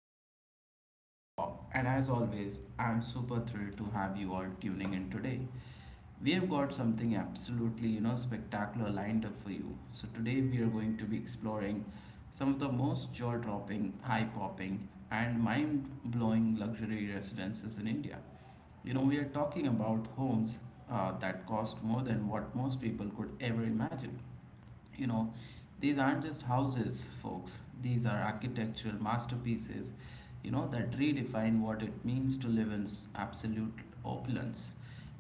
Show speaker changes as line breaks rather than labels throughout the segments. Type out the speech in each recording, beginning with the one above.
I'm your host, Bob, and as always, I'm super thrilled to have you all tuning in today. We have got something absolutely, you know, spectacular lined up for you. So, today we are going to be exploring some of the most jaw dropping, eye popping, and mind blowing luxury residences in India. You know, we are talking about homes that cost more than what most people could ever imagine. You know, these aren't just houses, folks. These are architectural masterpieces, you know, that redefine what it means to live in absolute opulence.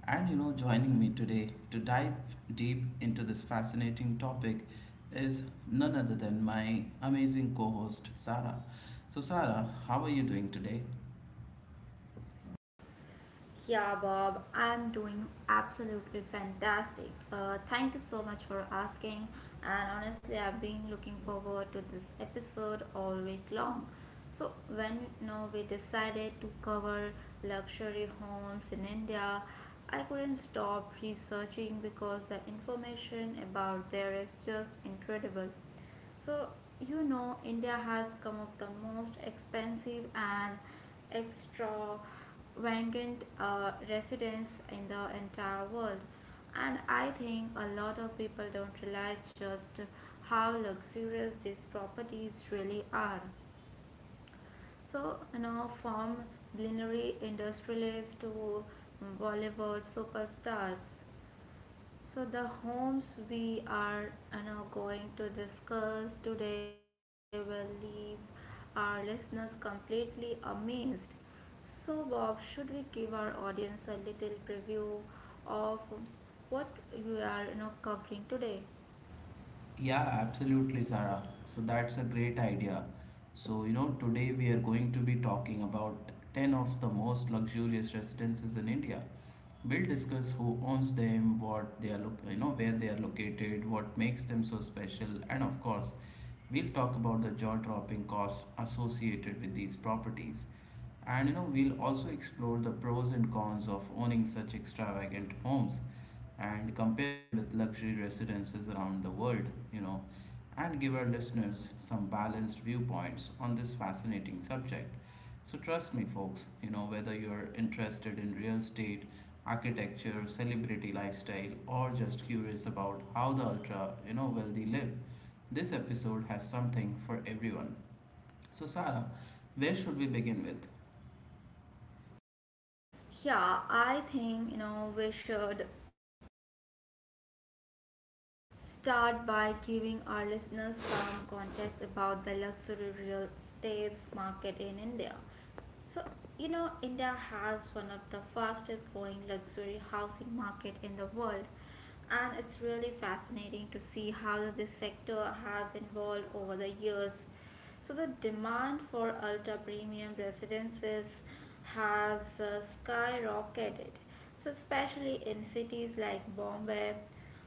And, you know, joining me today to dive deep into this fascinating topic is none other than my amazing co host, Sarah. So, Sarah, how are you doing today?
Yeah, Bob, I'm doing absolutely fantastic. Thank you so much for asking. And honestly, I've been looking forward to this episode all week long. So, when we decided to cover luxury homes in India, I couldn't stop researching because the information about there is just incredible. So, India has some of the most expensive and extravagant residents in the entire world. And I think a lot of people don't realize just how luxurious these properties really are. So, from culinary industrialists to Bollywood superstars. So the homes we are going to discuss today will leave our listeners completely amazed. So Bob, should we give our audience a little preview of what we are covering today?
Yeah, absolutely, Sarah. So that's a great idea. So, you know, today we are going to be talking about 10 of the most luxurious residences in India. We'll discuss who owns them, what they are, look, you know, where they are located, what makes them so special, and of course, we'll talk about the jaw-dropping costs associated with these properties. And you know, we'll also explore the pros and cons of owning such extravagant homes and compare them with luxury residences around the world, you know, and give our listeners some balanced viewpoints on this fascinating subject. So, trust me, folks, you know, whether you're interested in real estate, architecture, celebrity lifestyle, or just curious about how the ultra, you know, wealthy live, this episode has something for everyone. So, Sarah, where should we begin with?
Yeah, I think we should start by giving our listeners some context about the luxury real estate market in India. So, India has one of the fastest growing luxury housing market in the world, and it's really fascinating to see how this sector has evolved over the years. So the demand for ultra premium residences has skyrocketed. So especially in cities like Bombay,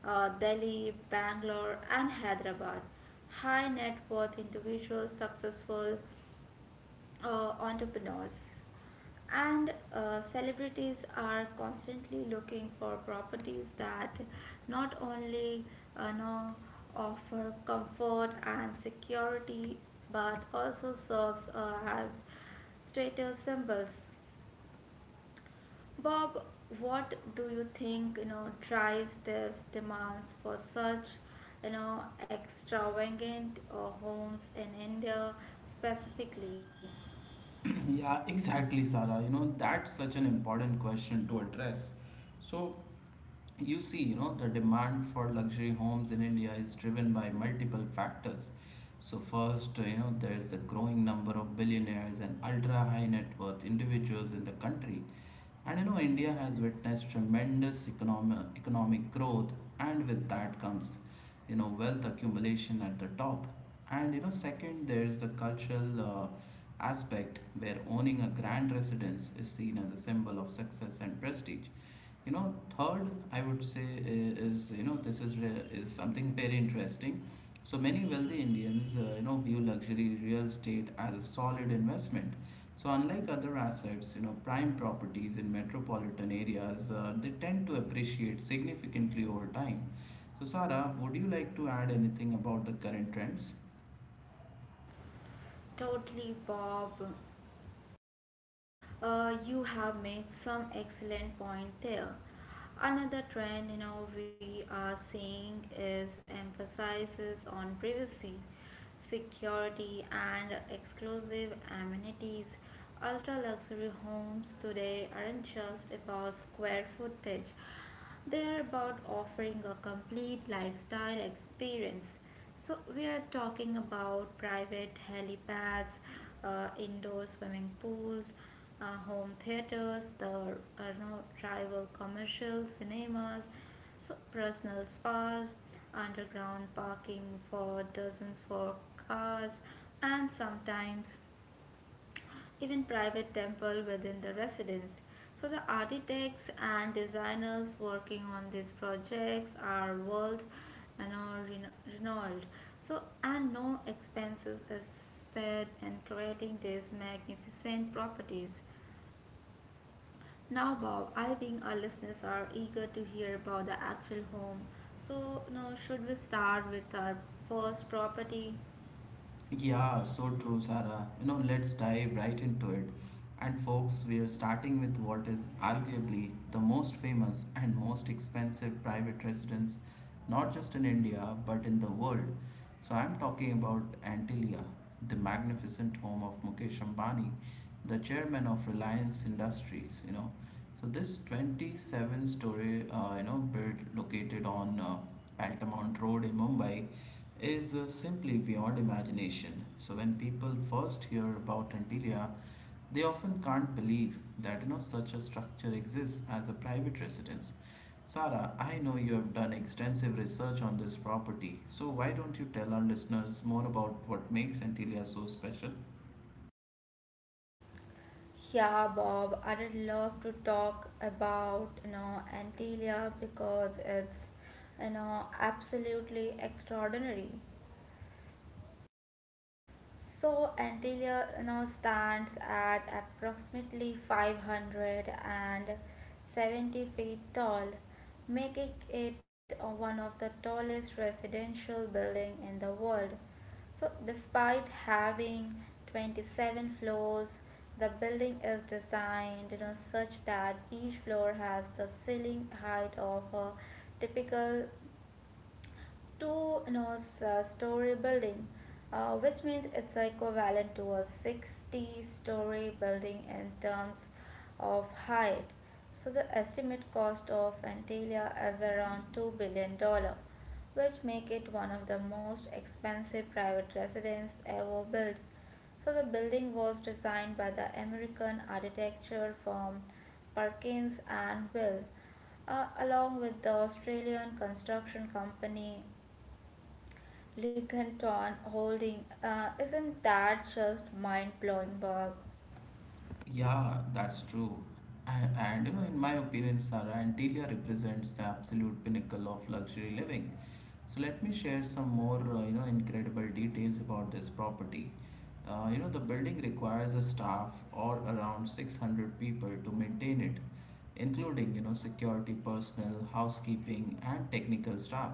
Delhi, Bangalore, and Hyderabad, high net worth individuals, successful entrepreneurs, and celebrities are constantly looking for properties that not only uh, know, offer comfort and security but also serves as status symbols. Bob, what do you think drives this demands for such extravagant homes in India specifically?
Yeah, exactly, Sarah. You know, that's such an important question to address. So, you see, you know, the demand for luxury homes in India is driven by multiple factors. So first, you know, there's the growing number of billionaires and ultra high net worth individuals in the country. And you know, India has witnessed tremendous economic growth, and with that comes, you know, wealth accumulation at the top. And you know, second, there's the cultural aspect where owning a grand residence is seen as a symbol of success and prestige. You know, third, I would say, is you know, this is is something very interesting. So many wealthy Indians, you know, view luxury real estate as a solid investment. So unlike other assets, you know, prime properties in metropolitan areas, they tend to appreciate significantly over time. So Sarah, would you like to add anything about the current trends?
Totally, Bob. You have made some excellent point there. Another trend we are seeing is emphasizes on privacy, security, and exclusive amenities. Ultra luxury homes today aren't just about square footage; they are about offering a complete lifestyle experience. So, we are talking about private helipads, indoor swimming pools, home theaters, the no rival commercial cinemas, so personal spas, underground parking for dozens for cars, and sometimes even private temple within the residence. So the architects and designers working on these projects are world and are renowned. So and no expenses is spared in creating these magnificent properties. Now, Bob, I think our listeners are eager to hear about the actual home. So, now should we start with our first property?
Yeah, so true, Sarah. You know, let's dive right into it. And folks, we are starting with what is arguably the most famous and most expensive private residence, not just in India, but in the world. So I'm talking about Antilia, the magnificent home of Mukesh Ambani, the chairman of Reliance Industries, you know. So this 27 story, you know, build located on Altamont Road in Mumbai is simply beyond imagination. So when people first hear about Antilia, they often can't believe that, you know, such a structure exists as a private residence. Sarah, I know you have done extensive research on this property, so why don't you tell our listeners more about what makes Antilia so special?
Yeah, Bob, I'd love to talk about Antilia because it's absolutely extraordinary. So Antalya stands at approximately 570 feet tall, making it one of the tallest residential building in the world. So despite having 27 floors, the building is designed such that each floor has the ceiling height of a typical two story building, which means it's equivalent to a 60-story building in terms of height. So the estimate cost of Antalya is around $2 billion, which make it one of the most expensive private residence ever built. So the building was designed by the American architecture firm Perkins and Will, along with the Australian construction company Lucanton holding. Isn't that just mind blowing, Bob?
Yeah, that's true. And you know, in my opinion, Sarah, Antilia represents the absolute pinnacle of luxury living. So let me share some more, you know, incredible details about this property. You know, the building requires a staff or around 600 people to maintain it, including, you know, security personnel, housekeeping, and technical staff.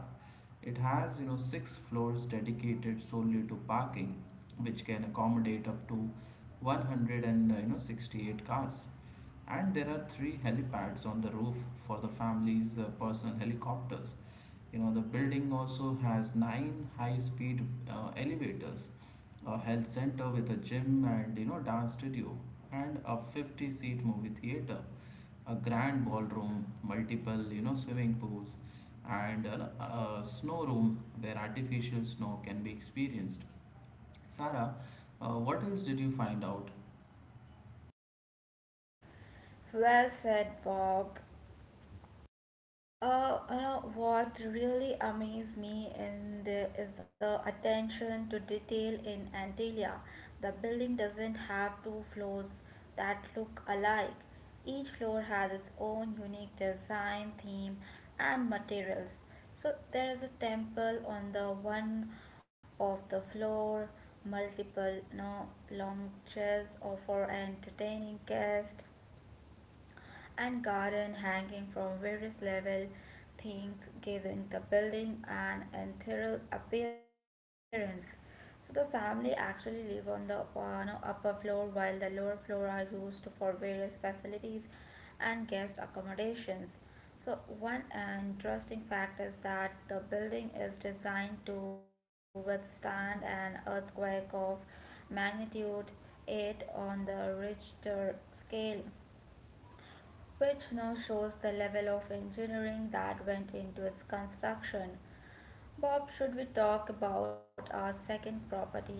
It has, you know, six floors dedicated solely to parking, which can accommodate up to 100 and you know, 68 cars. And there are three helipads on the roof for the family's personal helicopters. You know, the building also has nine high-speed elevators, a health center with a gym and, you know, dance studio, and a 50-seat movie theater, a grand ballroom, multiple, you know, swimming pools, and a snow room where artificial snow can be experienced. Sarah, what else did you find out?
Well said, Bob. You know what really amazed me is the attention to detail in Antalya. The building doesn't have two floors that look alike. Each floor has its own unique design, theme, and materials. So there is a temple on the one of the floor, multiple no know, lounges or for entertaining guests and garden hanging from various level things giving the building an ethereal appearance. So the family actually live on the upper, no, upper floor while the lower floor are used for various facilities and guest accommodations. So one interesting fact is that the building is designed to withstand an earthquake of magnitude 8 on the Richter scale, which now shows the level of engineering that went into its construction. Bob, should we talk about our second property now?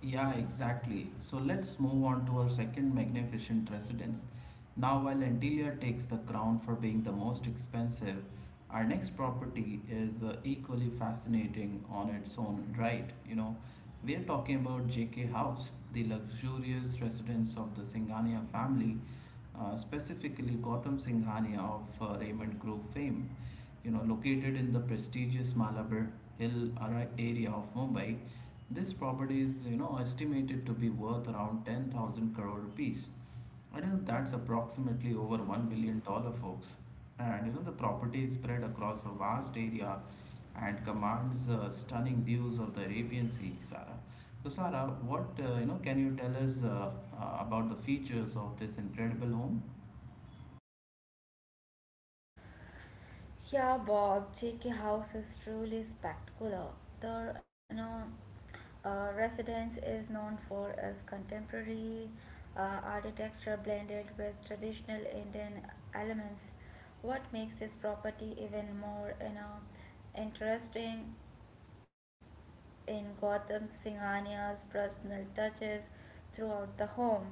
Yeah, exactly. So let's move on to our second magnificent residence. Now, while Antilia takes the crown for being the most expensive, our next property is equally fascinating on its own right, you know. We are talking about JK House, the luxurious residence of the Singhania family, specifically Gautam Singhania of Raymond Group fame. You know, located in the prestigious Malabar Hill area of Mumbai, this property is, you know, estimated to be worth around 10,000 crore rupees. I know that's approximately over $1 billion, folks. And you know, the property is spread across a vast area and commands stunning views of the Arabian Sea, Sarah. So, Sarah, what, you know, can you tell us about the features of this incredible home?
Yeah, Bob, JK House is truly spectacular. The residence is known for its contemporary architecture blended with traditional Indian elements. What makes this property even more interesting in Gautam Singhania's personal touches throughout the home.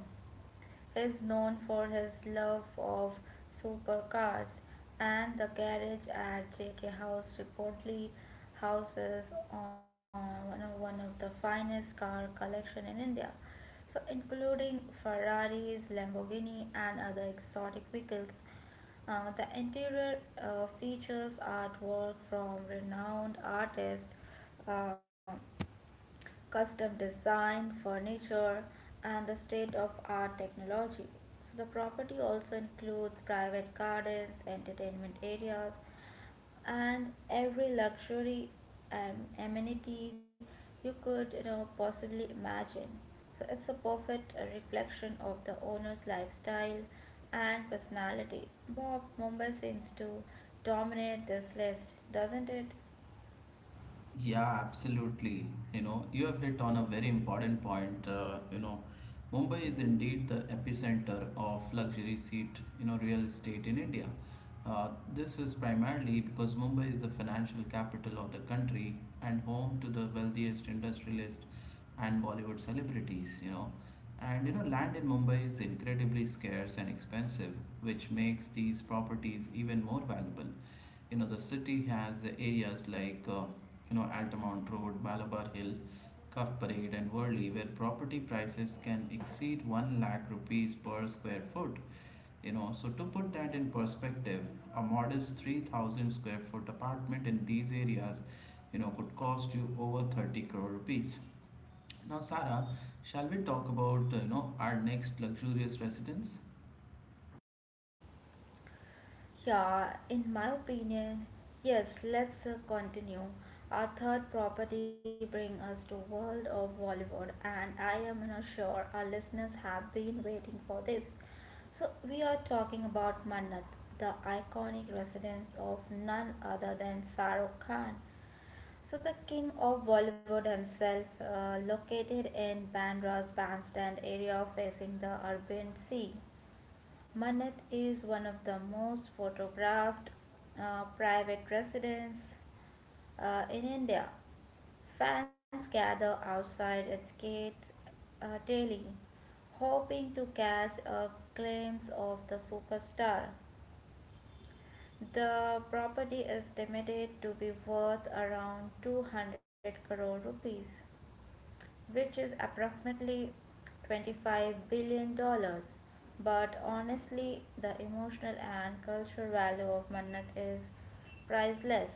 He is known for his love of supercars, and the garage at JK House reportedly houses one of- the finest car collection in India. So, including Ferraris, Lamborghini, and other exotic vehicles. The interior features artwork from renowned artists, uh, custom design, furniture, and the state of art technology. So, the property also includes private gardens, entertainment areas, and every luxury and amenity you could possibly imagine. So, it's a perfect reflection of the owner's lifestyle and personality. Bob, Mumbai seems to dominate this list, doesn't it?
Yeah, absolutely. You know, you have hit on a very important point. You know, Mumbai is indeed the epicenter of luxury seat, you know, real estate in India. Uh, this is primarily because Mumbai is the financial capital of the country and home to the wealthiest industrialists and Bollywood celebrities, you know. And you know, land in Mumbai is incredibly scarce and expensive, which makes these properties even more valuable. You know, the city has the areas like, you know, Altamont Road, Malabar Hill, Cuff Parade, and Worli, where property prices can exceed 1 lakh rupees per square foot. You know, so to put that in perspective, a modest 3,000 square foot apartment in these areas, you know, could cost you over 30 crore rupees. Now Sarah, shall we talk about, you know, our next luxurious residence?
Yeah, in my opinion, yes, let's continue. Our third property brings us to world of Bollywood, and I am not sure our listeners have been waiting for this. So we are talking about Mannat, the iconic residence of none other than Saruk Khan, So the king of Bollywood himself, located in Bandra's bandstand area facing the Arabian Sea. Manat is one of the most photographed private residences in India. Fans gather outside its gates daily, hoping to catch a glimpse of the superstar. The property is estimated to be worth around 200 crore rupees, which is approximately $25 billion dollars. But honestly, the emotional and cultural value of Mannat is priceless.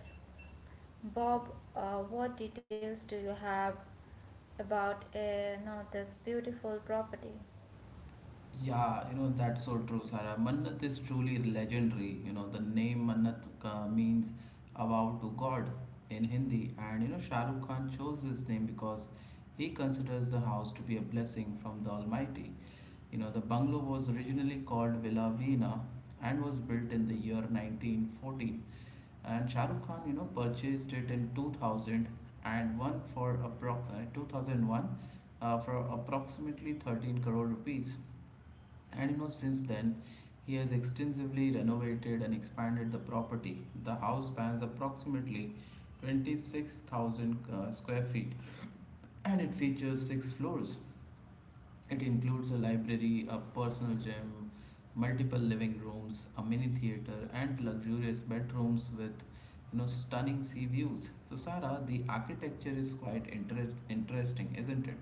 Bob, what details do you have about you this beautiful property?
Yeah, you know, that's so true, Sarah. Mannat is truly legendary. You know, the name Mannat means a vow to God in Hindi. And, you know, Shah Rukh Khan chose this name because he considers the house to be a blessing from the Almighty. You know, the bungalow was originally called Villa Veena and was built in the year 1914. And Shah Rukh Khan, you know, purchased it in 2001 for approximately 13 crore rupees. And you know, since then, he has extensively renovated and expanded the property. The house spans approximately 26,000 square feet and it features six floors. It includes a library, a personal gym, multiple living rooms, a mini theater, and luxurious bedrooms with, you know, stunning sea views. So, Sarah, the architecture is quite interesting, isn't it?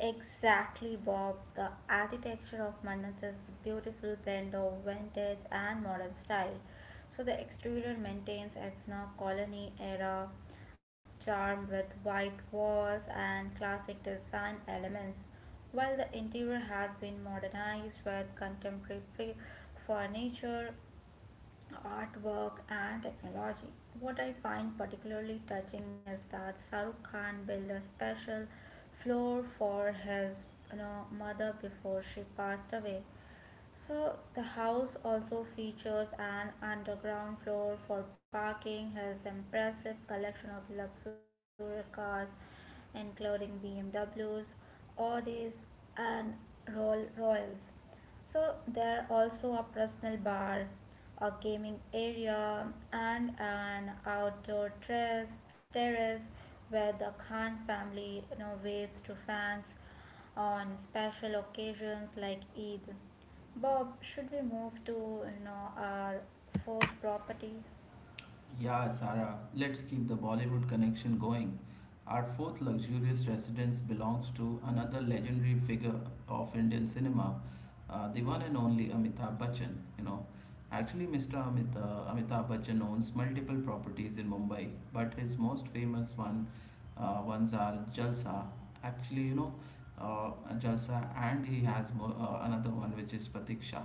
Exactly, Bob. The architecture of Mannas is a beautiful blend of vintage and modern style. So the exterior maintains its now colony era charm with white walls and classic design elements, while the interior has been modernized with contemporary furniture, artwork, and technology. What I find particularly touching is that Shahrukh Khan built a special floor for his mother before she passed away. So the house also features an underground floor for parking, has impressive collection of luxury cars including BMWs, Audis, and Rolls royces. So there also a personal bar, a gaming area, and an outdoor terrace where the Khan family waves to fans on special occasions like Eid. Bob, should we move to our fourth property?
Yeah, Sara, let's keep the Bollywood connection going. Our fourth luxurious residence belongs to another legendary figure of Indian cinema, the one and only Amitabh Bachchan. You know, actually, Amitabh Bachchan owns multiple properties in Mumbai, but his most famous ones are Jalsa. Actually, you know, uh, Jalsa, and he has another one which is Pratiksha.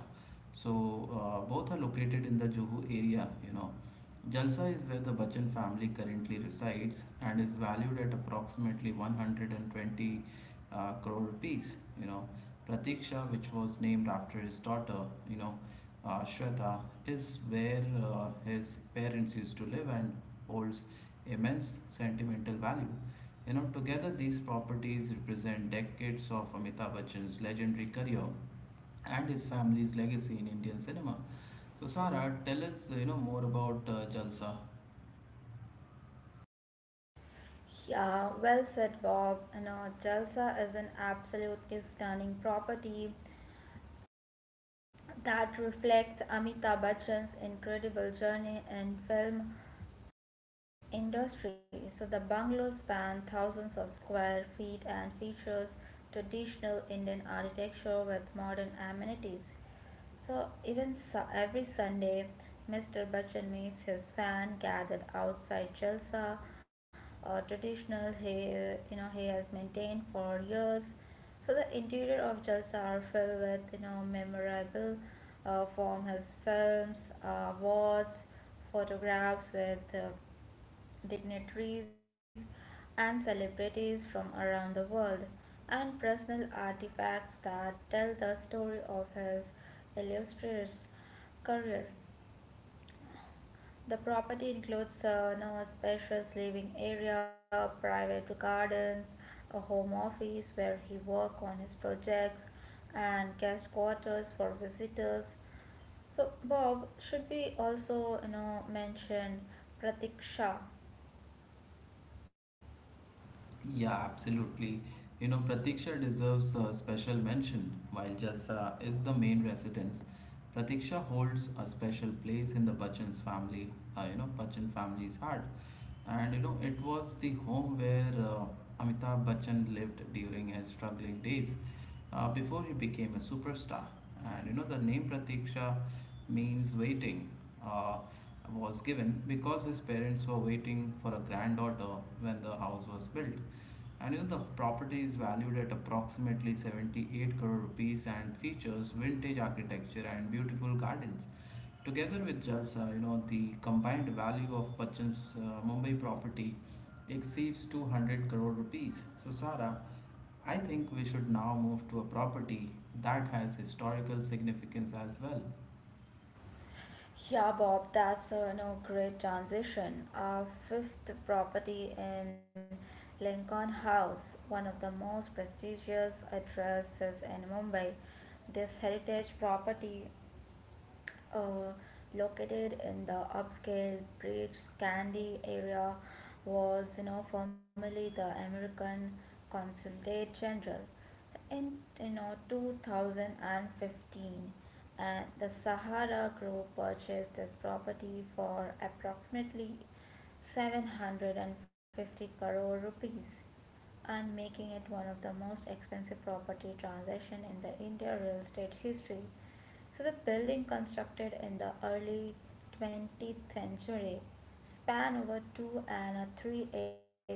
So both are located in the Juhu area. You know, Jalsa is where the Bachchan family currently resides and is valued at approximately 120 crore rupees. You know, Pratiksha, which was named after his daughter, you know, Shweta, is where his parents used to live and holds immense sentimental value. You know, together these properties represent decades of Amitabh Bachchan's legendary career and his family's legacy in Indian cinema. So Sara, tell us, you know, more about Jalsa.
Yeah, well said, Bob. Jalsa is an absolutely stunning property that reflects Amitabh Bachchan's incredible journey in film industry. So the bungalow span thousands of square feet and features traditional Indian architecture with modern amenities. So even every Sunday, Mr. Bachchan meets his fan gathered outside Jalsa, a traditional he you know he has maintained for years. So the interior of Jalsa are filled with memorable from his films, awards, photographs with dignitaries and celebrities from around the world, and personal artifacts that tell the story of his illustrious career. The property includes a spacious living area, private gardens, a home office where he works on his projects, and guest quarters for visitors. So Bob should be also mentioned Pratiksha.
Yeah, absolutely. You know, Pratiksha deserves a special mention. While Jalsa is the main residence, Pratiksha holds a special place in the you know, Bachchan family's heart. And you know, it was the home where Amitabh Bachchan lived during his struggling days before he became a superstar. And you know, the name Pratiksha means waiting, uh, was given because his parents were waiting for a granddaughter when the house was built. And you know, the property is valued at approximately 78 crore rupees and features vintage architecture and beautiful gardens. Together with Jalsa, you know, the combined value of Bachchan's Mumbai property exceeds 200 crore rupees. So, Sara, I think we should now move to a property that has historical significance as well.
Yeah, Bob, that's a no great transition. Our fifth property in Lincoln House, one of the most prestigious addresses in Mumbai. This heritage property, uh, located in the upscale Bridge Candy area, was formerly the American Consulate General. In 2015, and the Sahara Group purchased this property for approximately 750 crore rupees and making it one of the most expensive property transaction in the India real estate history. So the building, constructed in the early 20th century, span over two and a 3 acre,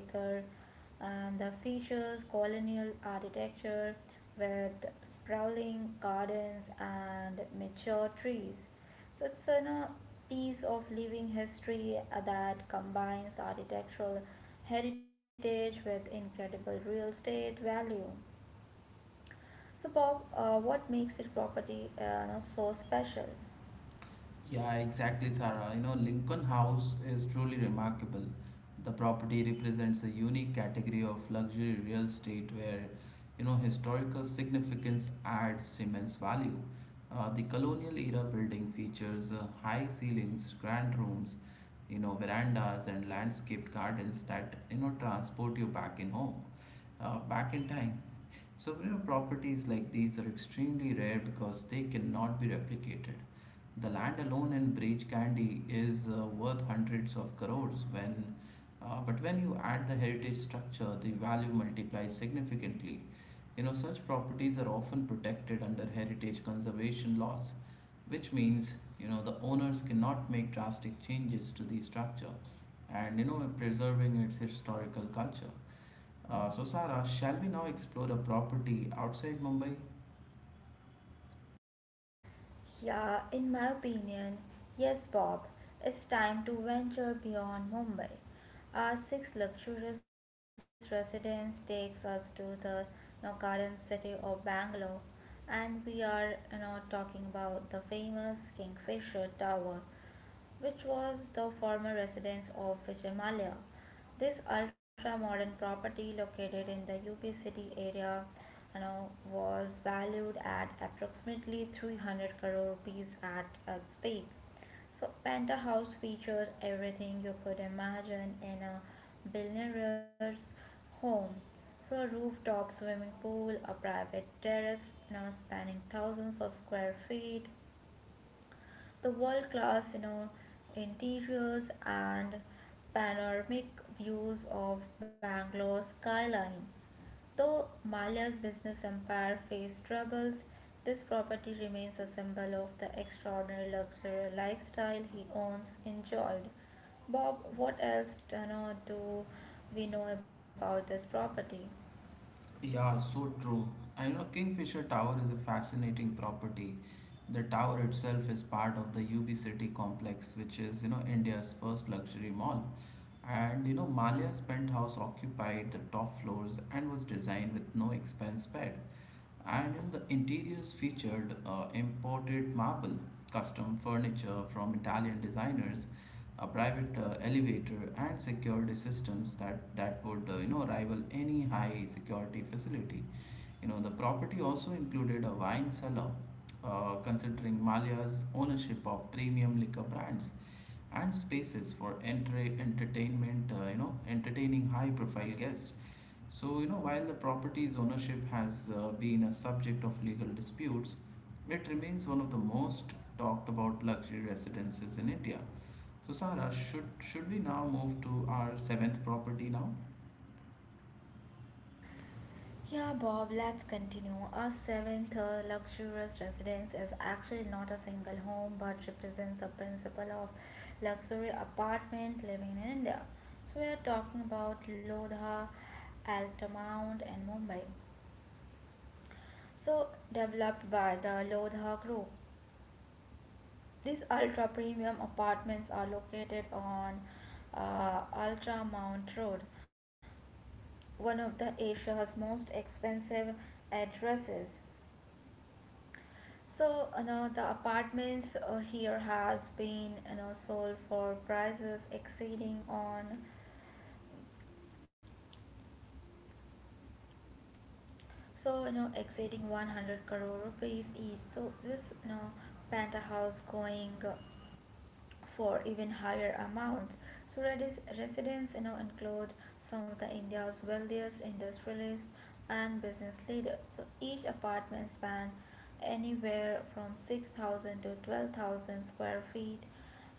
and the features colonial architecture with sprawling gardens and mature trees. So it's a piece of living history that combines architectural heritage with incredible real estate value. So Bob, what makes it property so special?
Yeah, exactly, Sarah. You know, Lincoln House is truly remarkable. The property represents a unique category of luxury real estate where, you know, historical significance adds immense value. The colonial era building features high ceilings, grand rooms, you know, verandas, and landscaped gardens that, you know, transport you back in home, back in time. So, you know, properties like these are extremely rare because they cannot be replicated. The land alone in Breach Candy is worth hundreds of crores when but when you add the heritage structure, the value multiplies significantly. You know, such properties are often protected under heritage conservation laws, which means, you know, the owners cannot make drastic changes to the structure and, you know, preserving its historical culture. So, Sarah, shall we now explore a property outside Mumbai?
Yeah, in my opinion, yes, Bob. It's time to venture beyond Mumbai. Our six luxurious residence takes us to the garden city of Bangalore, and we are talking about the famous Kingfisher Tower which was the former residence of Vijay Vijayamalya. This ultra-modern property located in the UP city area was valued at approximately 300 crore rupees at its peak. So Penta features everything you could imagine in a billionaire's home. So a rooftop swimming pool, a private terrace now spanning thousands of square feet, the world class, interiors and panoramic views of Bangalore's skyline. Though Mallya's business empire faced troubles, this property remains a symbol of the extraordinary luxury lifestyle he owns enjoyed. Bob, what else do we know about this property?
Yeah, so true. I know Kingfisher Tower is a fascinating property. The tower itself is part of the UB City complex, which is, you know, India's first luxury mall. And, you know, Malia's penthouse occupied the top floors and was designed with no expense spared. And in the interiors featured imported marble, custom furniture from Italian designers, a private elevator, and security systems that would, you know, rival any high security facility. You know, the property also included a wine cellar, considering Malia's ownership of premium liquor brands and spaces for entertainment, you know, entertaining high profile guests. So, you know, while the property's ownership has been a subject of legal disputes, it remains one of the most talked about luxury residences in India. So, Sarah, should we now move to our seventh property now?
Yeah, Bob, let's continue. Our seventh luxurious residence is actually not a single home but represents the principle of luxury apartment living in India. So, we are talking about Lodha, Altamount, and Mumbai. So, developed by the Lodha Group. These ultra premium apartments are located on Ultramount Road, one of the Asia's most expensive addresses. So, you know, the apartments here has been, you know, sold for prices exceeding on, so, you know, exceeding 100 crore rupees each. So this, you know, penthouse going for even higher amounts. Surat's residents, you know, include some of the India's wealthiest industrialists and business leaders. So each apartment span anywhere from 6,000 to 12,000 square feet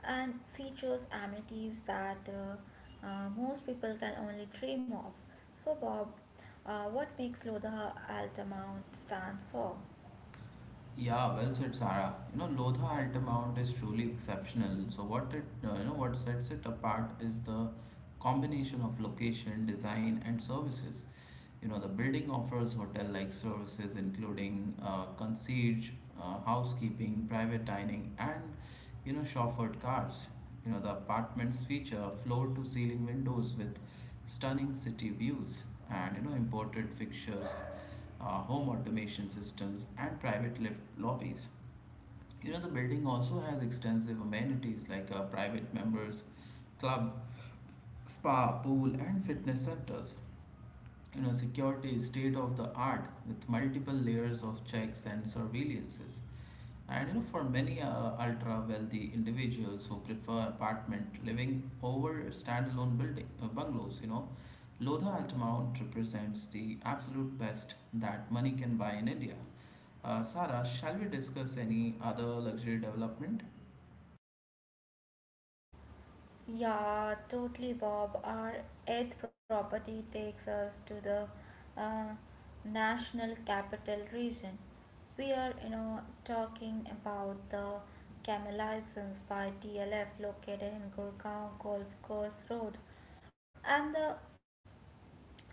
and features amenities that most people can only dream of. So Bob, what makes Lodha Altamont stand for?
Yeah, well said, Sarah. You know, Lodha Altamount is truly exceptional. So what it, you know, what sets it apart is the combination of location, design, and services. You know, the building offers hotel-like services including concierge, housekeeping, private dining, and you know, chauffeured cars. You know, the apartments feature floor-to-ceiling windows with stunning city views and you know, imported fixtures, uh, home automation systems, and private lift lobbies. You know, the building also has extensive amenities like a private members club, spa, pool, and fitness centers. You know, security is state of the art with multiple layers of checks and surveillances. And you know, for many ultra wealthy individuals who prefer apartment living over standalone building bungalows, you know, Lodha Altamount represents the absolute best that money can buy in India. Sarah, shall we discuss any other luxury development?
Yeah, totally, Bob. Our eighth property takes us to the uh, National Capital Region. We are, you know, talking about the Camel License by TLF located in Gurgaon Golf Course Road, and the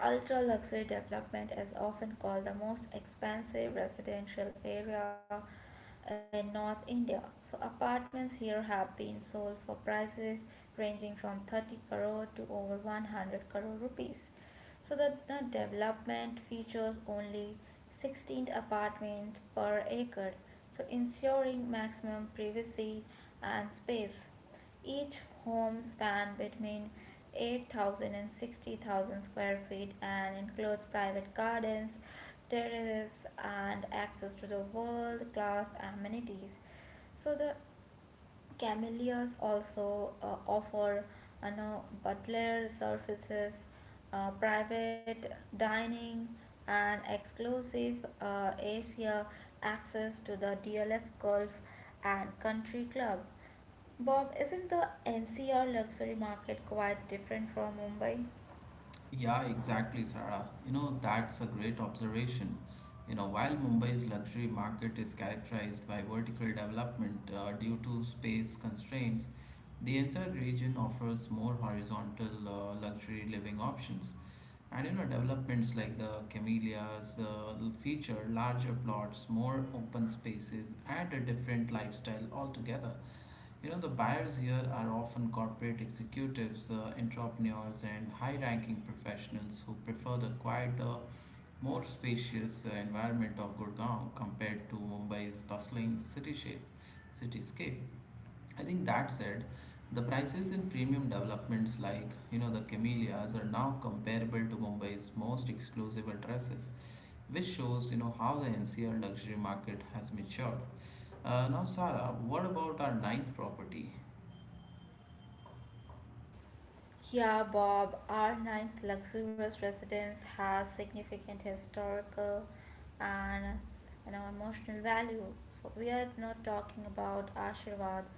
Ultra luxury development is often called the most expensive residential area in North India. So, apartments here have been sold for prices ranging from 30 crore to over 100 crore rupees. So, the development features only 16 apartments per acre, so ensuring maximum privacy and space. Each home span between 8,000 and 60,000 square feet and includes private gardens, terraces, and access to the world class amenities. So, the Camellias also offer, you know, butler services, private dining, and exclusive Asia access to the DLF Golf and Country Club. Bob, isn't the NCR luxury market quite different from Mumbai?
Yeah, exactly, Sarah. You know, that's a great observation. You know, while Mumbai's luxury market is characterized by vertical development due to space constraints, the NCR region offers more horizontal luxury living options. And you know, developments like the Camellias feature larger plots, more open spaces, and a different lifestyle altogether. You know, the buyers here are often corporate executives, entrepreneurs, and high ranking professionals who prefer the quieter, more spacious environment of Gurgaon compared to Mumbai's bustling cityscape. I think that said, the prices in premium developments like, you know, the Camellias are now comparable to Mumbai's most exclusive addresses, which shows, you know, how the NCR luxury market has matured. Now, Sara, what about our ninth property?
Yeah, Bob, our ninth luxurious residence has significant historical and, you know, emotional value. So we are not talking about Ashirvad,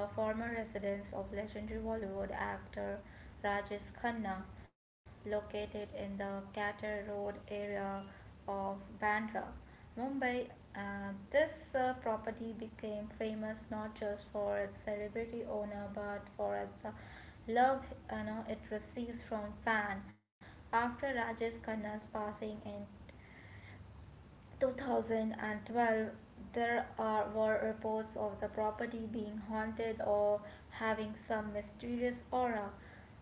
the former residence of legendary Bollywood actor Rajesh Khanna, located in the Qatar Road area of Bandra, Mumbai. This property became famous not just for its celebrity owner but for its the love, you know, it receives from fans. After Rajesh Khanna's passing in 2012, there were reports of the property being haunted or having some mysterious aura,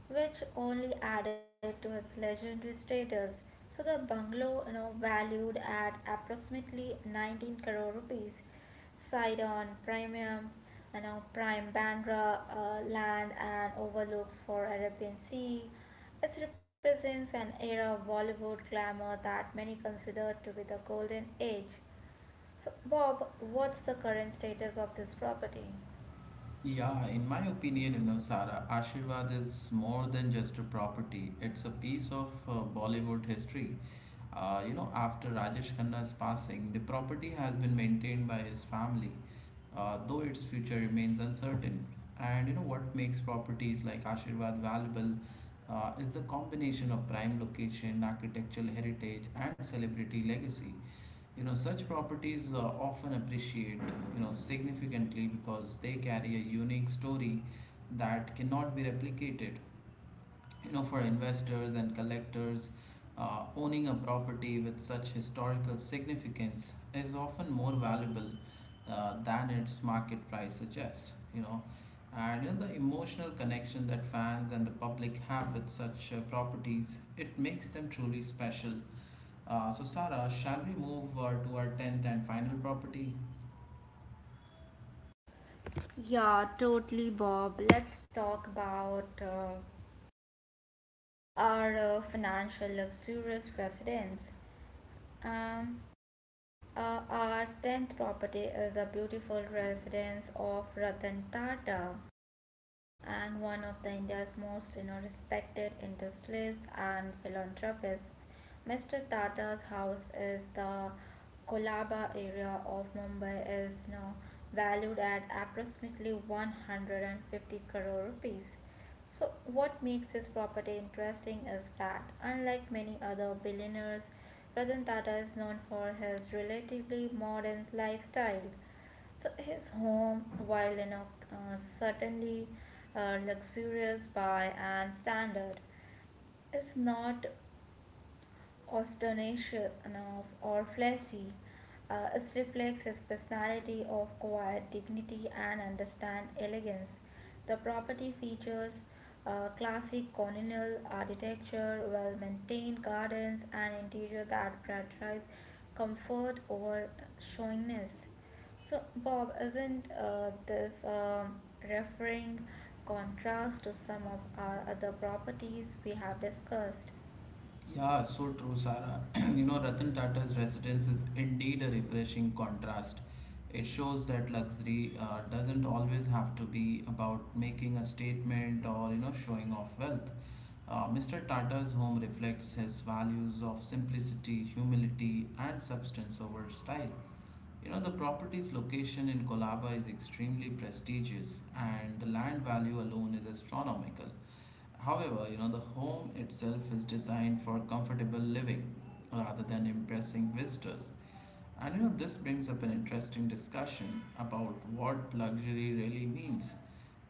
which only added to its legendary status. So the bungalow, you know, valued at approximately 19 crore rupees, site on premium, you know, prime Bandra land and overlooks for Arabian Sea. It represents an era of Bollywood glamour that many consider to be the golden age. So, Bob, what's the current status of this property?
Yeah, in my opinion, you know, Sara, Ashirvad is more than just a property. It's a piece of Bollywood history. You know, after Rajesh Khanna's passing, the property has been maintained by his family, though its future remains uncertain. And you know what makes properties like Ashirvad valuable is the combination of prime location, architectural heritage, and celebrity legacy. You know, such properties often appreciate, you know, significantly because they carry a unique story that cannot be replicated. You know, for investors and collectors, owning a property with such historical significance is often more valuable than its market price suggests. You know, and in the emotional connection that fans and the public have with such properties, it makes them truly special. So, Sarah, shall we move to our 10th and final property?
Yeah, totally, Bob. Let's talk about our financial luxurious residence. Um, our tenth property is the beautiful residence of Ratan Tata and one of the India's most, you know, respected industrialists and philanthropists. Mr. Tata's house is the Kolaba area of Mumbai is, you know, valued at approximately 150 crore rupees. So, what makes this property interesting is that, unlike many other billionaires, Ratan Tata is known for his relatively modern lifestyle. So his home, while in a certainly luxurious by and standard, is not Ostanishinov or flashy. It reflects his personality of quiet dignity and understand elegance. The property features classic colonial architecture, well maintained gardens, and interior that prioritize comfort over showiness. So, Bob, isn't this referring contrast to some of our other properties we have discussed?
Yeah, so true, Sarah. You know, Ratan Tata's residence is indeed a refreshing contrast. It shows that luxury doesn't always have to be about making a statement or, you know, showing off wealth. Mr. Tata's home reflects his values of simplicity, humility, and substance over style. You know, the property's location in Kolaba is extremely prestigious, and the land value alone is astronomical. However, you know, the home itself is designed for comfortable living rather than impressing visitors. And you know, this brings up an interesting discussion about what luxury really means.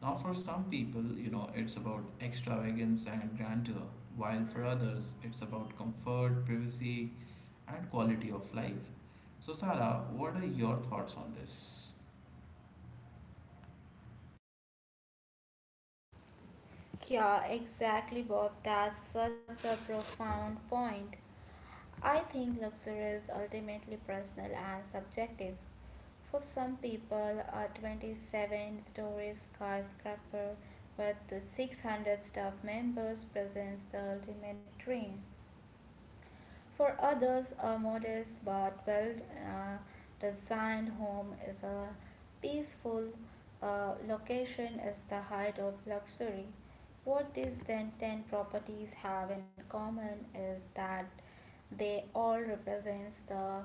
Now, for some people, you know, it's about extravagance and grandeur, while for others, it's about comfort, privacy, and quality of life. So, Sarah, what are your thoughts on this?
Yeah, exactly, Bob. That's such a profound point. I think luxury is ultimately personal and subjective. For some people, a 27-story skyscraper with 600 staff members presents the ultimate dream. For others, a modest but well uh, designed home is a peaceful location is the height of luxury. What these Zen 10 properties have in common is that they all represent the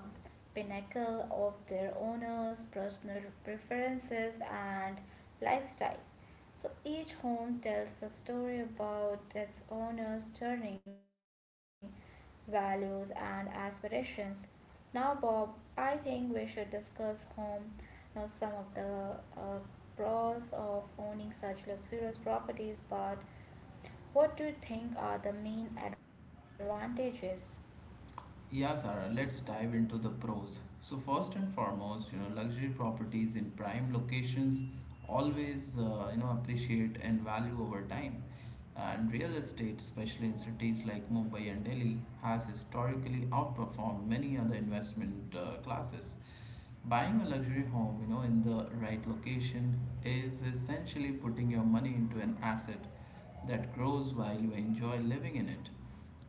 pinnacle of their owner's personal preferences and lifestyle. So each home tells a story about its owner's journey, values, and aspirations. Now, Bob, I think we should discuss home. Now, some of the uh, pros of owning such luxurious properties, but what do you think are the main advantages?
Yeah, Sarah, let's dive into the pros. So, first and foremost, you know, luxury properties in prime locations always, you know, appreciate and value over time. And real estate, especially in cities like Mumbai and Delhi, has historically outperformed many other investment classes. Buying a luxury home, you know, in the right location is essentially putting your money into an asset that grows while you enjoy living in it.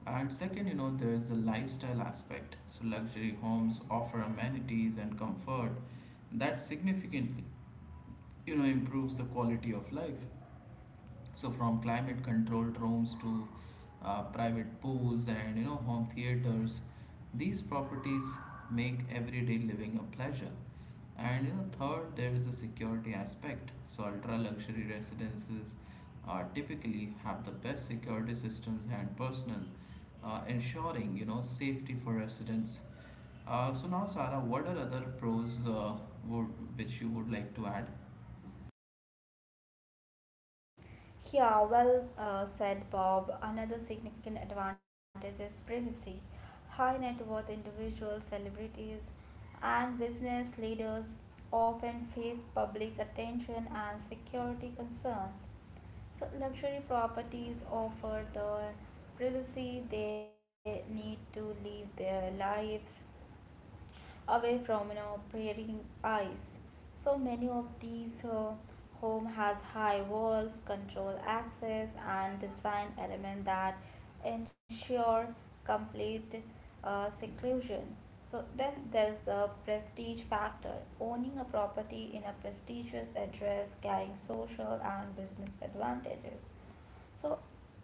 And second, you know, there is the lifestyle aspect. So luxury homes offer amenities and comfort that significantly, you know, improves the quality of life. So from climate controlled rooms to private pools and you know home theaters, these properties make everyday living a pleasure. And you know, third, there is the security aspect. So ultra luxury residences typically have the best security systems and personnel, ensuring you know safety for residents. So now, Sarah, what are other pros would, which you would like to add?
Yeah, well said, Bob. Another significant advantage is privacy. High net worth individuals, celebrities, and business leaders often face public attention and security concerns. So, luxury properties offer the privacy they need to live their lives away from, you know, prairie eyes. So many of these home has high walls, control access, and design element that ensure complete seclusion. So then there's the prestige factor. Owning a property in a prestigious address carrying social and business advantages. So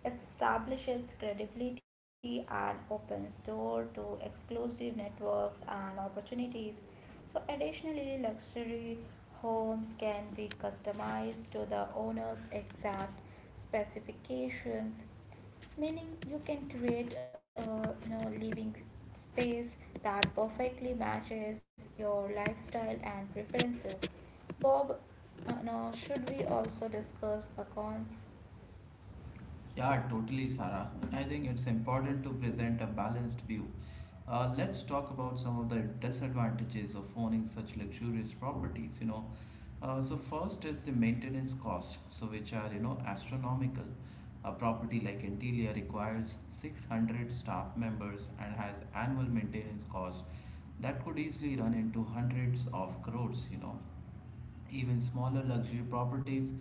it establishes credibility and opens door to exclusive networks and opportunities. So additionally, luxury homes can be customized to the owner's exact specifications, meaning you can create a, you know, living space that perfectly matches your lifestyle and preferences. Bob, now should we also discuss the cons?
Yeah, totally, Sarah. I think it's important to present a balanced view. Let's talk about some of the disadvantages of owning such luxurious properties. You know, so first is the maintenance cost, so which are you know astronomical. A property like Antilia requires 600 staff members and has annual maintenance cost that could easily run into hundreds of crores. You know, even smaller luxury properties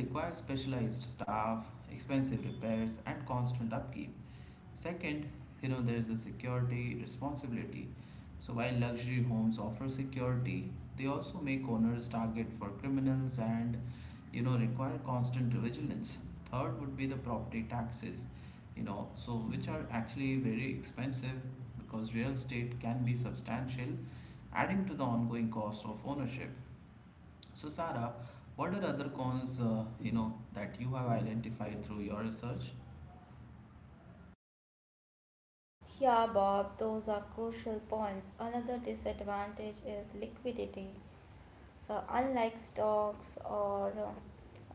require specialized staff, expensive repairs, and constant upkeep. Second, you know, there is a security responsibility. So, while luxury homes offer security, they also make owners target for criminals and, you know, require constant vigilance. Third would be the property taxes, you know, so which are actually very expensive because real estate can be substantial, adding to the ongoing cost of ownership. So, Sarah, what are other cons you know that you have identified through your research?
Yeah, Bob, those are crucial points. Another disadvantage is liquidity. So, unlike stocks or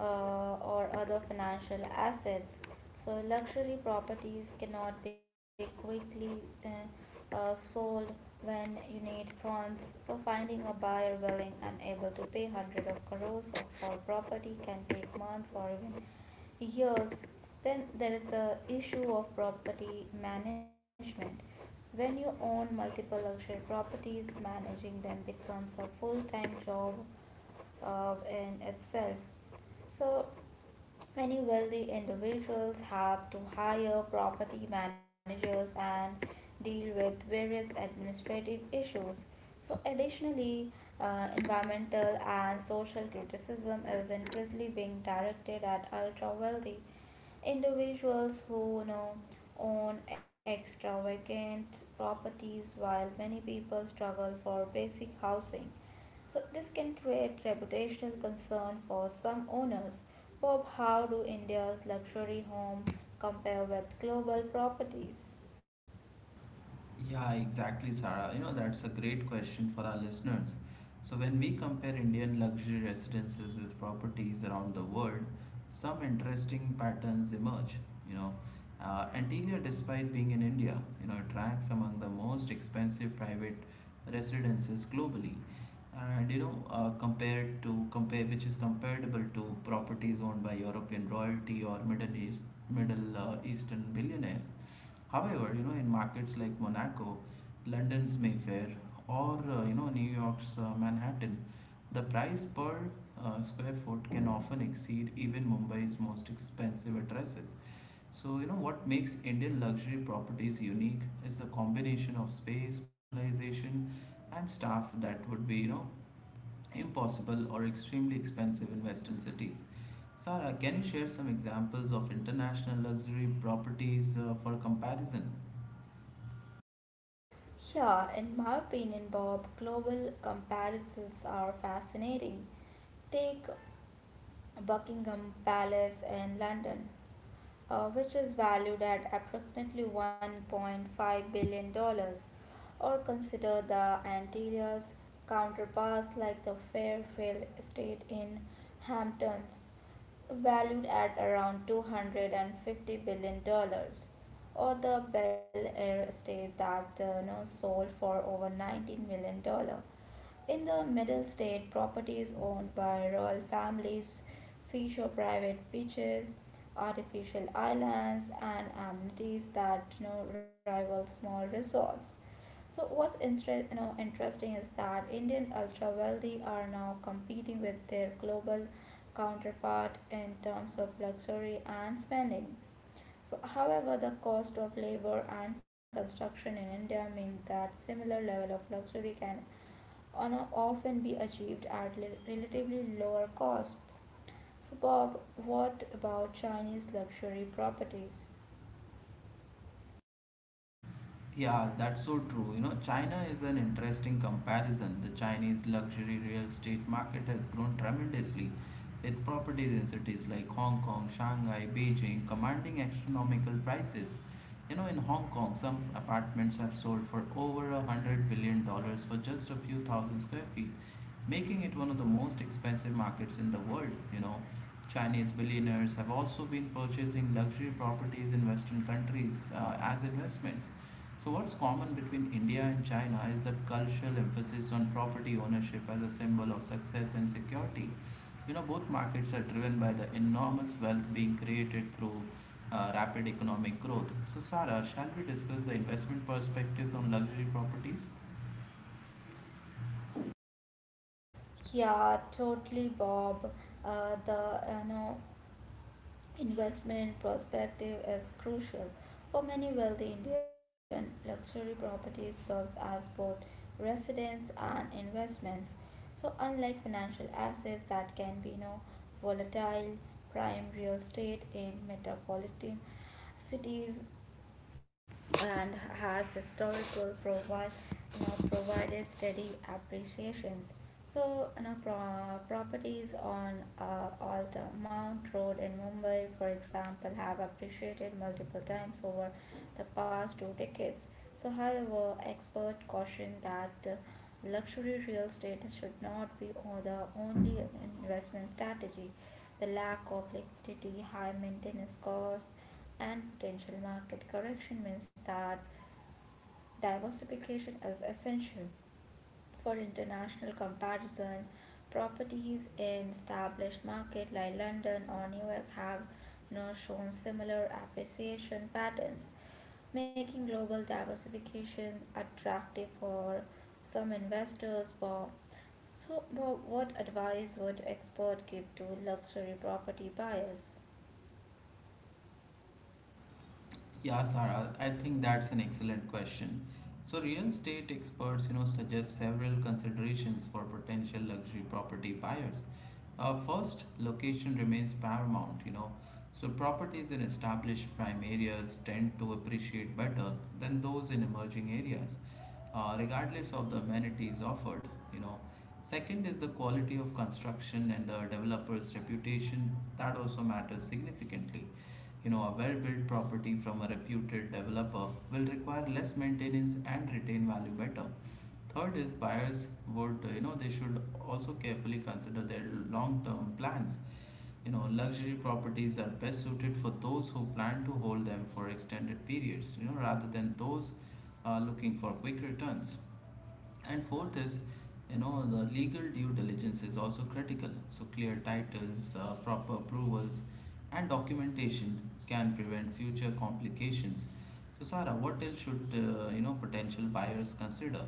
uh, or other financial assets, so luxury properties cannot be quickly sold when you need funds. So, finding a buyer willing and able to pay hundred of crores for property can take months or even years. Then there is the issue of property management. When you own multiple luxury properties, managing them becomes a full time job in itself. So, many wealthy individuals have to hire property managers and deal with various administrative issues. So, additionally, environmental and social criticism is increasingly being directed at ultra wealthy individuals who, you know, own extravagant properties while many people struggle for basic housing, so this can create reputational concern for some owners. Bob, how do India's luxury home compare with global properties?
Yeah, exactly, Sarah. You know, that's a great question for our listeners. So, when we compare Indian luxury residences with properties around the world, some interesting patterns emerge. You know, Antilia, despite being in India, you know, it ranks among the most expensive private residences globally. And you know, compare, which is comparable to properties owned by European royalty or Middle Eastern billionaires. However, you know, in markets like Monaco, London's Mayfair, or you know, New York's Manhattan, the price per square foot can often exceed even Mumbai's most expensive addresses. So, you know, what makes Indian luxury properties unique is the combination of space, personalization, and staff that would be, you know, impossible or extremely expensive in Western cities. Sarah, can you share some examples of international luxury properties for comparison?
Yeah, in my opinion, Bob, global comparisons are fascinating. Take Buckingham Palace in London, which is valued at approximately $1.5 billion, dollars, or consider the Antilles counterparts like the Fairfield Estate in Hamptons, valued at around $250 billion, dollars, or the Bel Air Estate that, you know, sold for over $19 million. Dollars. In the middle state, properties owned by royal families feature private beaches, artificial islands, and amenities that, you know, rival small resorts. So what's interesting is that Indian ultra wealthy are now competing with their global counterpart in terms of luxury and spending. So, however, the cost of labor and construction in India mean that similar level of luxury can on often be achieved at relatively lower costs. So, Bob, what about Chinese luxury properties?
Yeah, that's so true. You know, China is an interesting comparison. The Chinese luxury real estate market has grown tremendously, with properties in cities like Hong Kong, Shanghai, Beijing commanding astronomical prices. You know, in Hong Kong, some apartments have sold for over $100 billion for just a few thousand square feet, making it one of the most expensive markets in the world. You know, Chinese billionaires have also been purchasing luxury properties in Western countries as investments. So, what's common between India and China is the cultural emphasis on property ownership as a symbol of success and security. You know, both markets are driven by the enormous wealth being created through rapid economic growth. So, Sarah, shall we discuss the investment perspectives on luxury properties?
Yeah, totally, Bob. The investment perspective is crucial. For many wealthy Indian, luxury property serves as both residence and investments. So, unlike financial assets that can be, you know, volatile, prime real estate in metropolitan cities and has historical provided steady appreciations. So, you know, properties on Alta Mount Road in Mumbai, for example, have appreciated multiple times over the past two decades. So, however, experts caution that luxury real estate should not be the only investment strategy. The lack of liquidity, high maintenance cost, and potential market correction means that diversification is essential for international comparison. Properties in established markets like London or New York have not shown similar appreciation patterns, making global diversification attractive for some investors. Bob. So, Bob, what advice would expert give to luxury property buyers?
Yeah, Sarah, I think that's an excellent question. So, real estate experts, you know, suggest several considerations for potential luxury property buyers. First, location remains paramount, you know. So, properties in established prime areas tend to appreciate better than those in emerging areas regardless of the amenities offered. You know, second is the quality of construction and the developer's reputation that also matters significantly. You know, a well built property from a reputed developer will require less maintenance and retain value better. Third is buyers would, you know, they should also carefully consider their long term plans. You know, luxury properties are best suited for those who plan to hold them for extended periods, you know, rather than those looking for quick returns. And fourth is, you know, the legal due diligence is also critical. So clear titles, proper approvals, and documentation can prevent future complications. So Sarah, what else should you know potential buyers consider?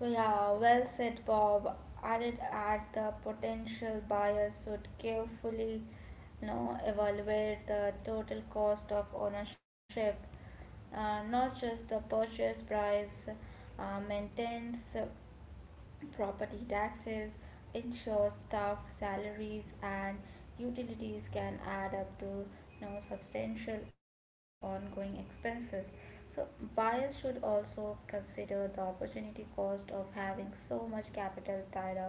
Yeah, well said, Bob. I'd add the potential buyers should carefully, you know, evaluate the total cost of ownership, not just the purchase price, maintenance, property taxes, insurance, staff salaries, and utilities can add up to, you know, substantial ongoing expenses. So, buyers should also consider the opportunity cost of having so much capital tied up in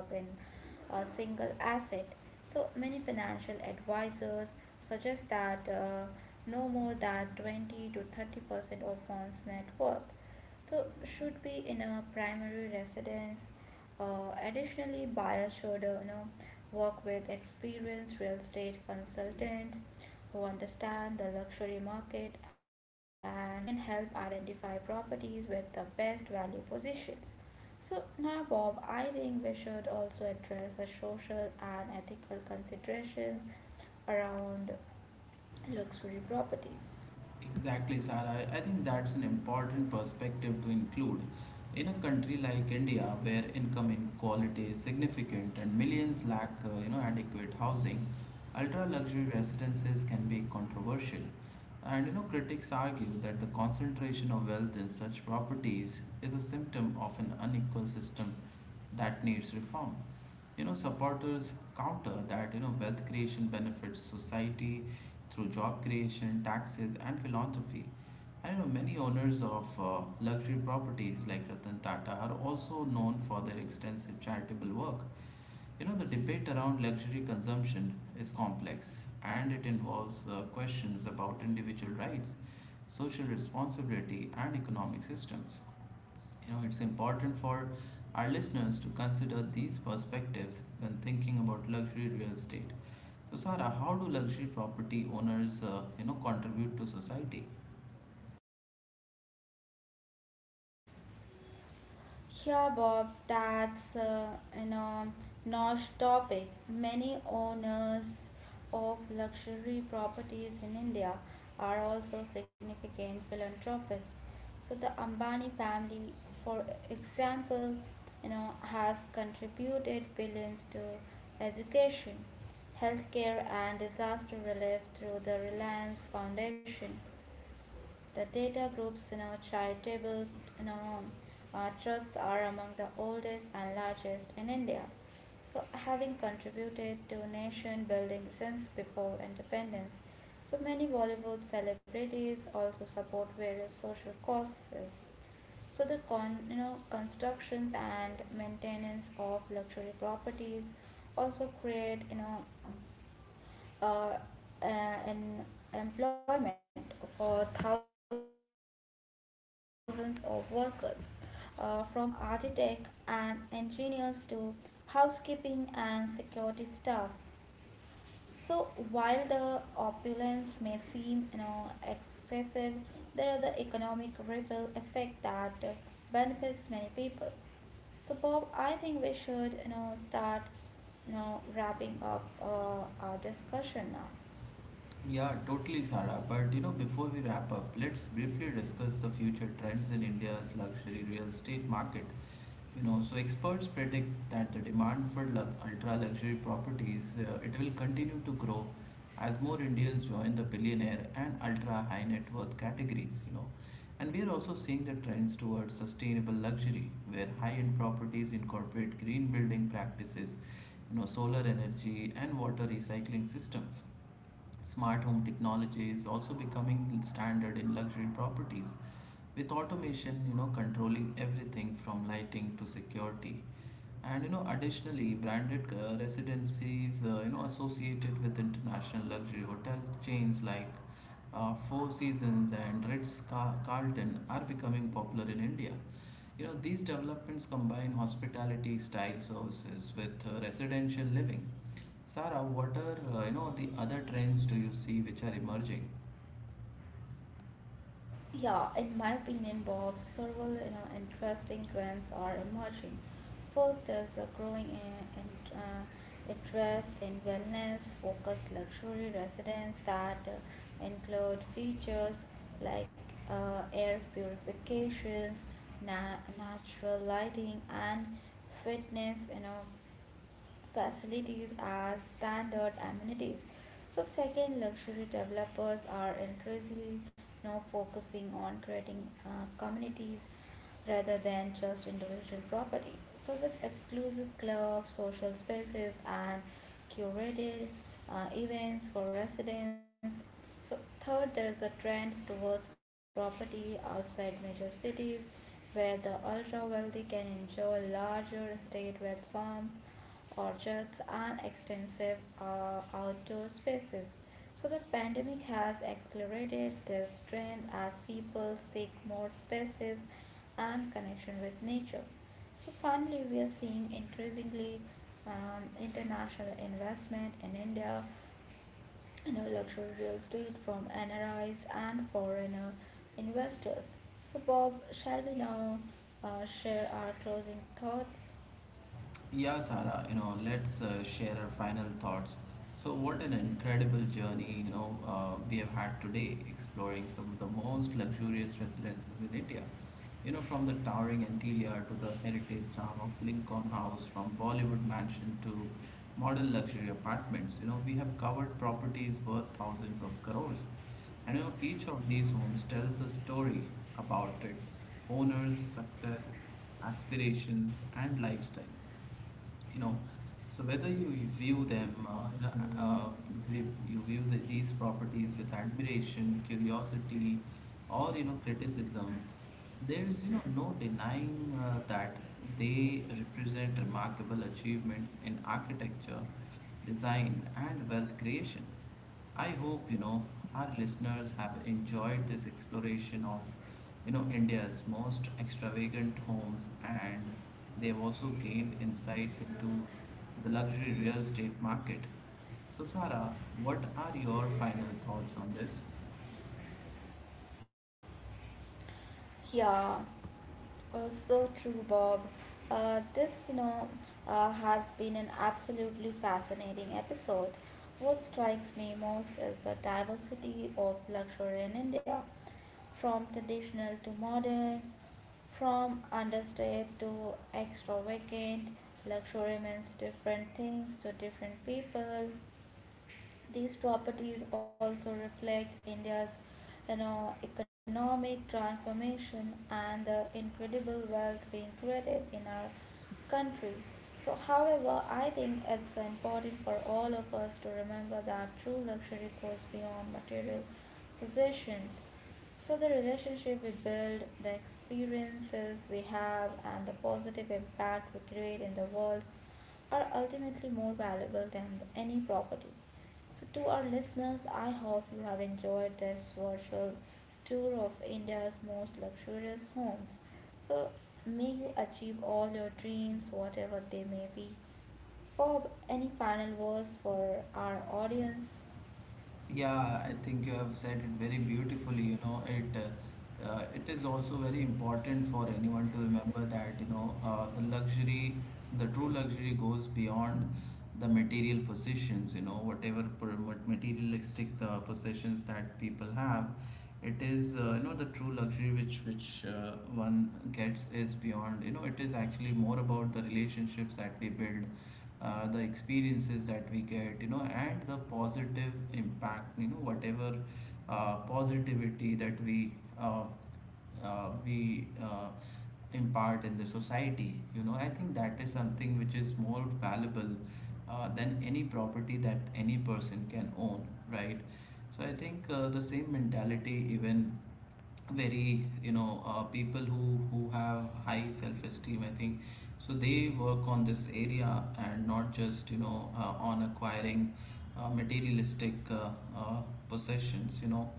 a single asset. So, many financial advisors suggest that no more than 20 to 30% of one's net worth so should be in a primary residence. Additionally, buyers should, you know, work with experienced real estate consultants who understand the luxury market and can help identify properties with the best value positions. So now, Bob, I think we should also address the social and ethical considerations around luxury properties.
Exactly, Sarah. I think that's an important perspective to include. In a country like India, where income inequality is significant and millions lack, you know, adequate housing, ultra-luxury residences can be controversial. And critics argue that the concentration of wealth in such properties is a symptom of an unequal system that needs reform. Supporters counter that, wealth creation benefits society through job creation, taxes, and philanthropy. And, many owners of luxury properties like Ratan Tata are also known for their extensive charitable work. The debate around luxury consumption is complex, and it involves questions about individual rights, social responsibility, and economic systems. It's important for our listeners to consider these perspectives when thinking about luxury real estate. So, Sara, how do luxury property owners, contribute to society?
Yeah, Bob, that's an niche topic. Many owners of luxury properties in India are also significant philanthropists. So the Ambani family, for example, you know, has contributed billions to education, healthcare, and disaster relief through the Reliance Foundation. The data groups in our charitable, you know, trusts are among the oldest and largest in India. So, having contributed to nation building since before independence, so many Bollywood celebrities also support various social causes. So the constructions and maintenance of luxury properties also create, you know, uh, uh, employment for thousands of workers, from architects and engineers to housekeeping and security staff. So while the opulence may seem, you know, excessive, there are the economic ripple effect that benefits many people. So Bob, I think we should, you know, start, you know, wrapping up our discussion now.
Yeah, totally, Sara. But you know, before we wrap up, let's briefly discuss the future trends in India's luxury real estate market. So experts predict that the demand for ultra luxury properties it will continue to grow as more indians join the billionaire and ultra high net worth categories. And we are also seeing the trends towards sustainable luxury, where high end properties incorporate green building practices, solar energy, and water recycling systems. Smart home technology is also becoming standard in luxury properties, with automation, controlling everything from lighting to security. And additionally, branded residencies, associated with international luxury hotel chains like Four Seasons and Carlton are becoming popular in India. These developments combine hospitality style services with residential living. Sara, what are the other trends do you see which are emerging?
Yeah, in my opinion, Bob, several, you know, interesting trends are emerging. First, there's a growing interest in wellness-focused luxury residents that include features like air purification, natural lighting, and fitness, you know, facilities as standard amenities. So second, luxury developers are increasingly now focusing on creating communities rather than just individual property. So with exclusive clubs, social spaces, and curated events for residents, so third, there is a trend towards property outside major cities where the ultra wealthy can enjoy larger estate with farms, orchards and extensive outdoor spaces. So the pandemic has accelerated this trend as people seek more spaces and connection with nature. So finally, we are seeing increasingly international investment in India, you know, luxury real estate from NRIs and foreigner investors. So, Bob, shall we now share our closing thoughts?
Yeah, Sara, let's share our final thoughts. So, what an incredible journey we have had today, exploring some of the most luxurious residences in India. From the towering Antelia to the heritage charm of Lincoln House, from Bollywood mansion to modern luxury apartments, we have covered properties worth thousands of crores. And each of these homes tells a story about its owner's success, aspirations, and lifestyle. you know so whether you view them if you view these properties with admiration, curiosity, or criticism, there's no denying that they represent remarkable achievements in architecture, design, and wealth creation. I hope our listeners have enjoyed this exploration of India's most extravagant homes, and they have also gained insights into the luxury real estate market. So, Sarah, what are your final thoughts on this?
Yeah. Oh, so true, Bob. This has been an absolutely fascinating episode. What strikes me most is the diversity of luxury in India, from traditional to modern, from understated to extravagant. Luxury means different things to different people. These properties also reflect India's, you know, economic transformation and the incredible wealth being created in our country. So, however, I think it's important for all of us to remember that true luxury goes beyond material possessions. So, the relationship we build, the experiences we have, and the positive impact we create in the world are ultimately more valuable than any property. So, to our listeners, I hope you have enjoyed this virtual tour of India's most luxurious homes. So, may you achieve all your dreams, whatever they may be. Bob, any final words for our audience?
Yeah, I think you have said it very beautifully. You know, it is also very important for anyone to remember that the true luxury goes beyond the material possessions. You know, what materialistic possessions that people have, it is, the true luxury which one gets, is beyond. You know, it is actually more about the relationships that we build, the experiences that we get, and the positive impact, whatever positivity that uh, we impart in the society. I think that is something which is more valuable than any property that any person can own, right? So I think the same mentality, even very people who have high self-esteem, I think, so they work on this area and not just, on acquiring materialistic uh, possessions, you know.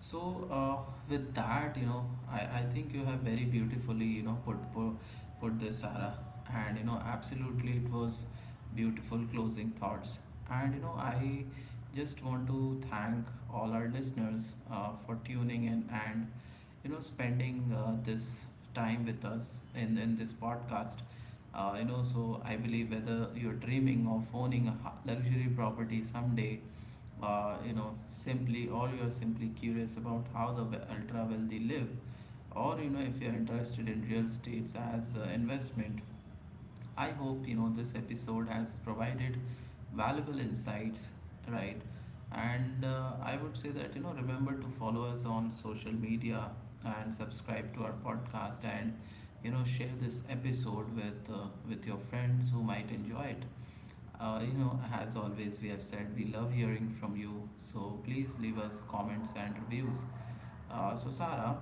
So with that, you know, I think you have very beautifully, you know, put this, Sarah. And you know, absolutely, it was beautiful closing thoughts. And you know, I just want to thank all our listeners for tuning in and spending this time with us in this podcast. So I believe whether you're dreaming of owning a luxury property someday, you know simply or you're simply curious about how the ultra wealthy live, or if you're interested in real estates as investment, I hope this episode has provided valuable insights, right? And I would say that, remember to follow us on social media and subscribe to our podcast, and share this episode with your friends who might enjoy it. As always, we have said we love hearing from you. So please leave us comments and reviews. So, Sarah,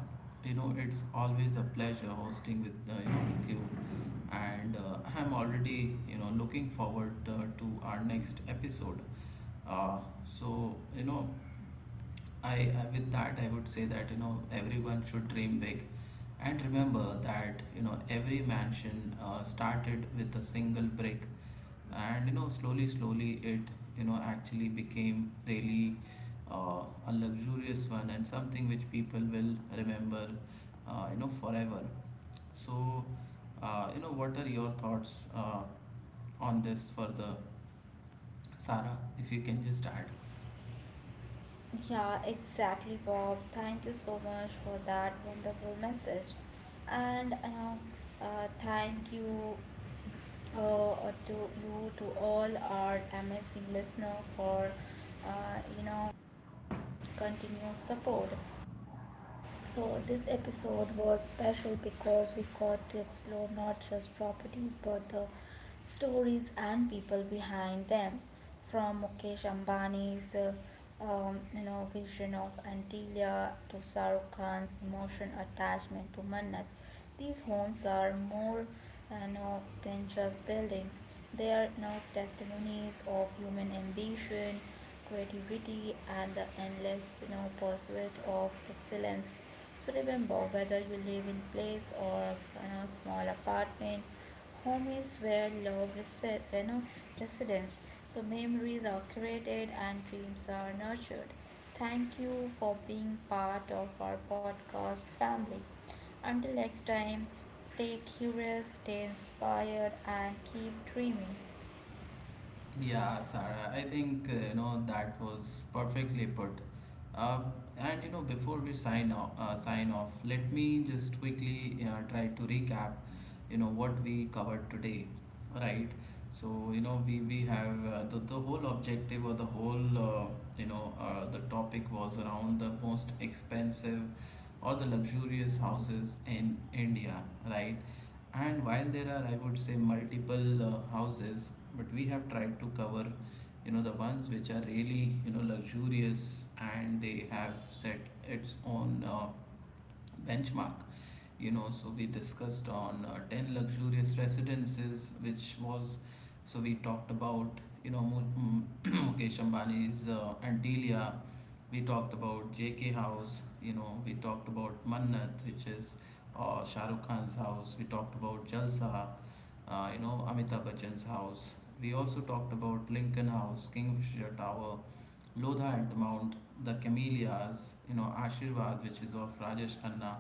it's always a pleasure hosting with you, and I'm already looking forward to our next episode. Uh, so you know, I with that, I would say that, everyone should dream big, and remember that, every mansion started with a single brick, and slowly, it, actually became really uh, a luxurious one, and something which people will remember forever. So what are your thoughts on this further, Sarah, if you can just add?
Yeah, exactly, Bob. Thank you so much for that wonderful message. And thank you, uh, to you, to all our amazing listener for, uh, you know, continued support. So, this episode was special because we got to explore not just properties but the stories and people behind them. From Mukesh Ambani's, you know, vision of Antilia to Sarukhan's Khan's emotion attachment to Mannat, these homes are more now than just buildings. They are now testimonies of human ambition, creativity, and the endless, you know, pursuit of excellence. So remember, whether you live in place or, you know, small apartment, home is where love residence. So memories are created and dreams are nurtured. Thank you for being part of our podcast family. Until next time, stay curious, stay inspired, and keep dreaming.
Yeah, Sarah, I think that was perfectly put. Uh, and you know, before we sign off, let me just quickly try to recap, you know, what we covered today, right? So we have the whole objective, or the whole the topic was around the most expensive or the luxurious houses in India, right? And while there are, I would say, multiple houses, but we have tried to cover, you know, the ones which are really, you know, luxurious, and they have set its own benchmark. So we discussed on 10 luxurious residences, which was, so we talked about, you know, Mukesh Ambani's Antilia. We talked about JK House. You know, we talked about Mannat, which is Shah Rukh Khan's house. We talked about Jalsa, Amitabh Bachchan's house. We also talked about Lincoln House, Kingfisher Tower, Lodha Altamount, the Camellias, Ashirvad, which is of Rajesh Khanna,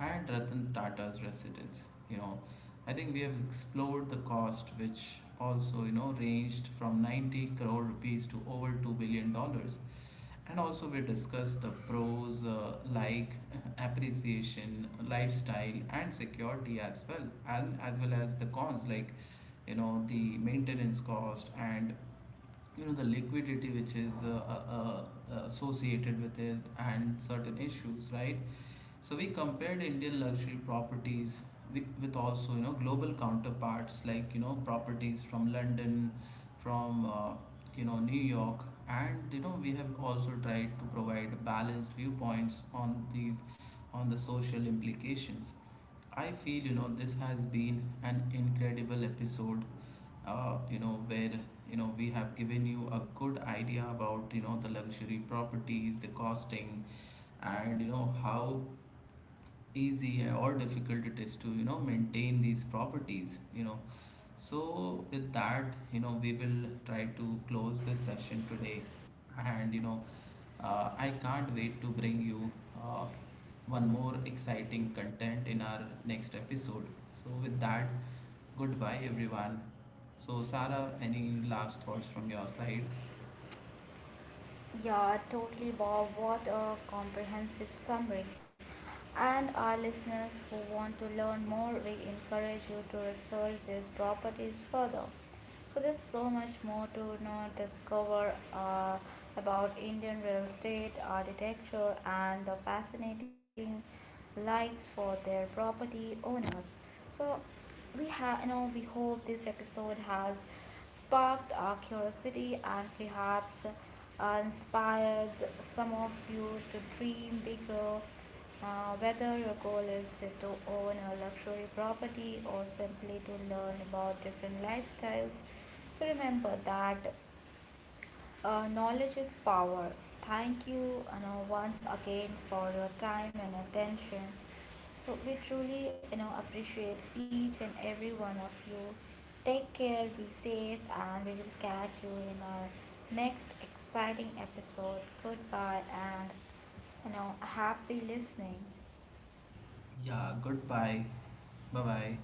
at Ratan Tata's residence. You know, I think we have explored the cost, which also ranged from 90 crore rupees to over 2 billion dollars, and also we discussed the pros, like appreciation, lifestyle, and security as well, and as well as the cons, like, the maintenance cost, and the liquidity, which is associated with it, and certain issues, right? So we compared Indian luxury properties with, also, global counterparts, like, properties from London, from New York, and we have also tried to provide balanced viewpoints on these, on the social implications. I feel this has been an incredible episode, where we have given you a good idea about the luxury properties, the costing, and how easy or difficult it is to maintain these properties, you know. So with that, we will try to close this session today, and I can't wait to bring you uh, one more exciting content in our next episode. So with that, goodbye everyone. So, Sarah, any last thoughts from your side?
Yeah, totally, Bob. What a comprehensive summary. And our listeners who want to learn more, we encourage you to research these properties further. So, there's so much more to know, discover about Indian real estate, architecture, and the fascinating likes for their property owners. So, we have, you know, we hope this episode has sparked our curiosity and perhaps inspired some of you to dream bigger. Whether your goal is to own a luxury property or simply to learn about different lifestyles, so remember that, knowledge is power. Thank you, you know, once again for your time and attention. So we truly, you know, appreciate each and every one of you. Take care, be safe, and we will catch you in our next exciting episode. Goodbye and, you know, happy listening.
Yeah, goodbye. Bye bye.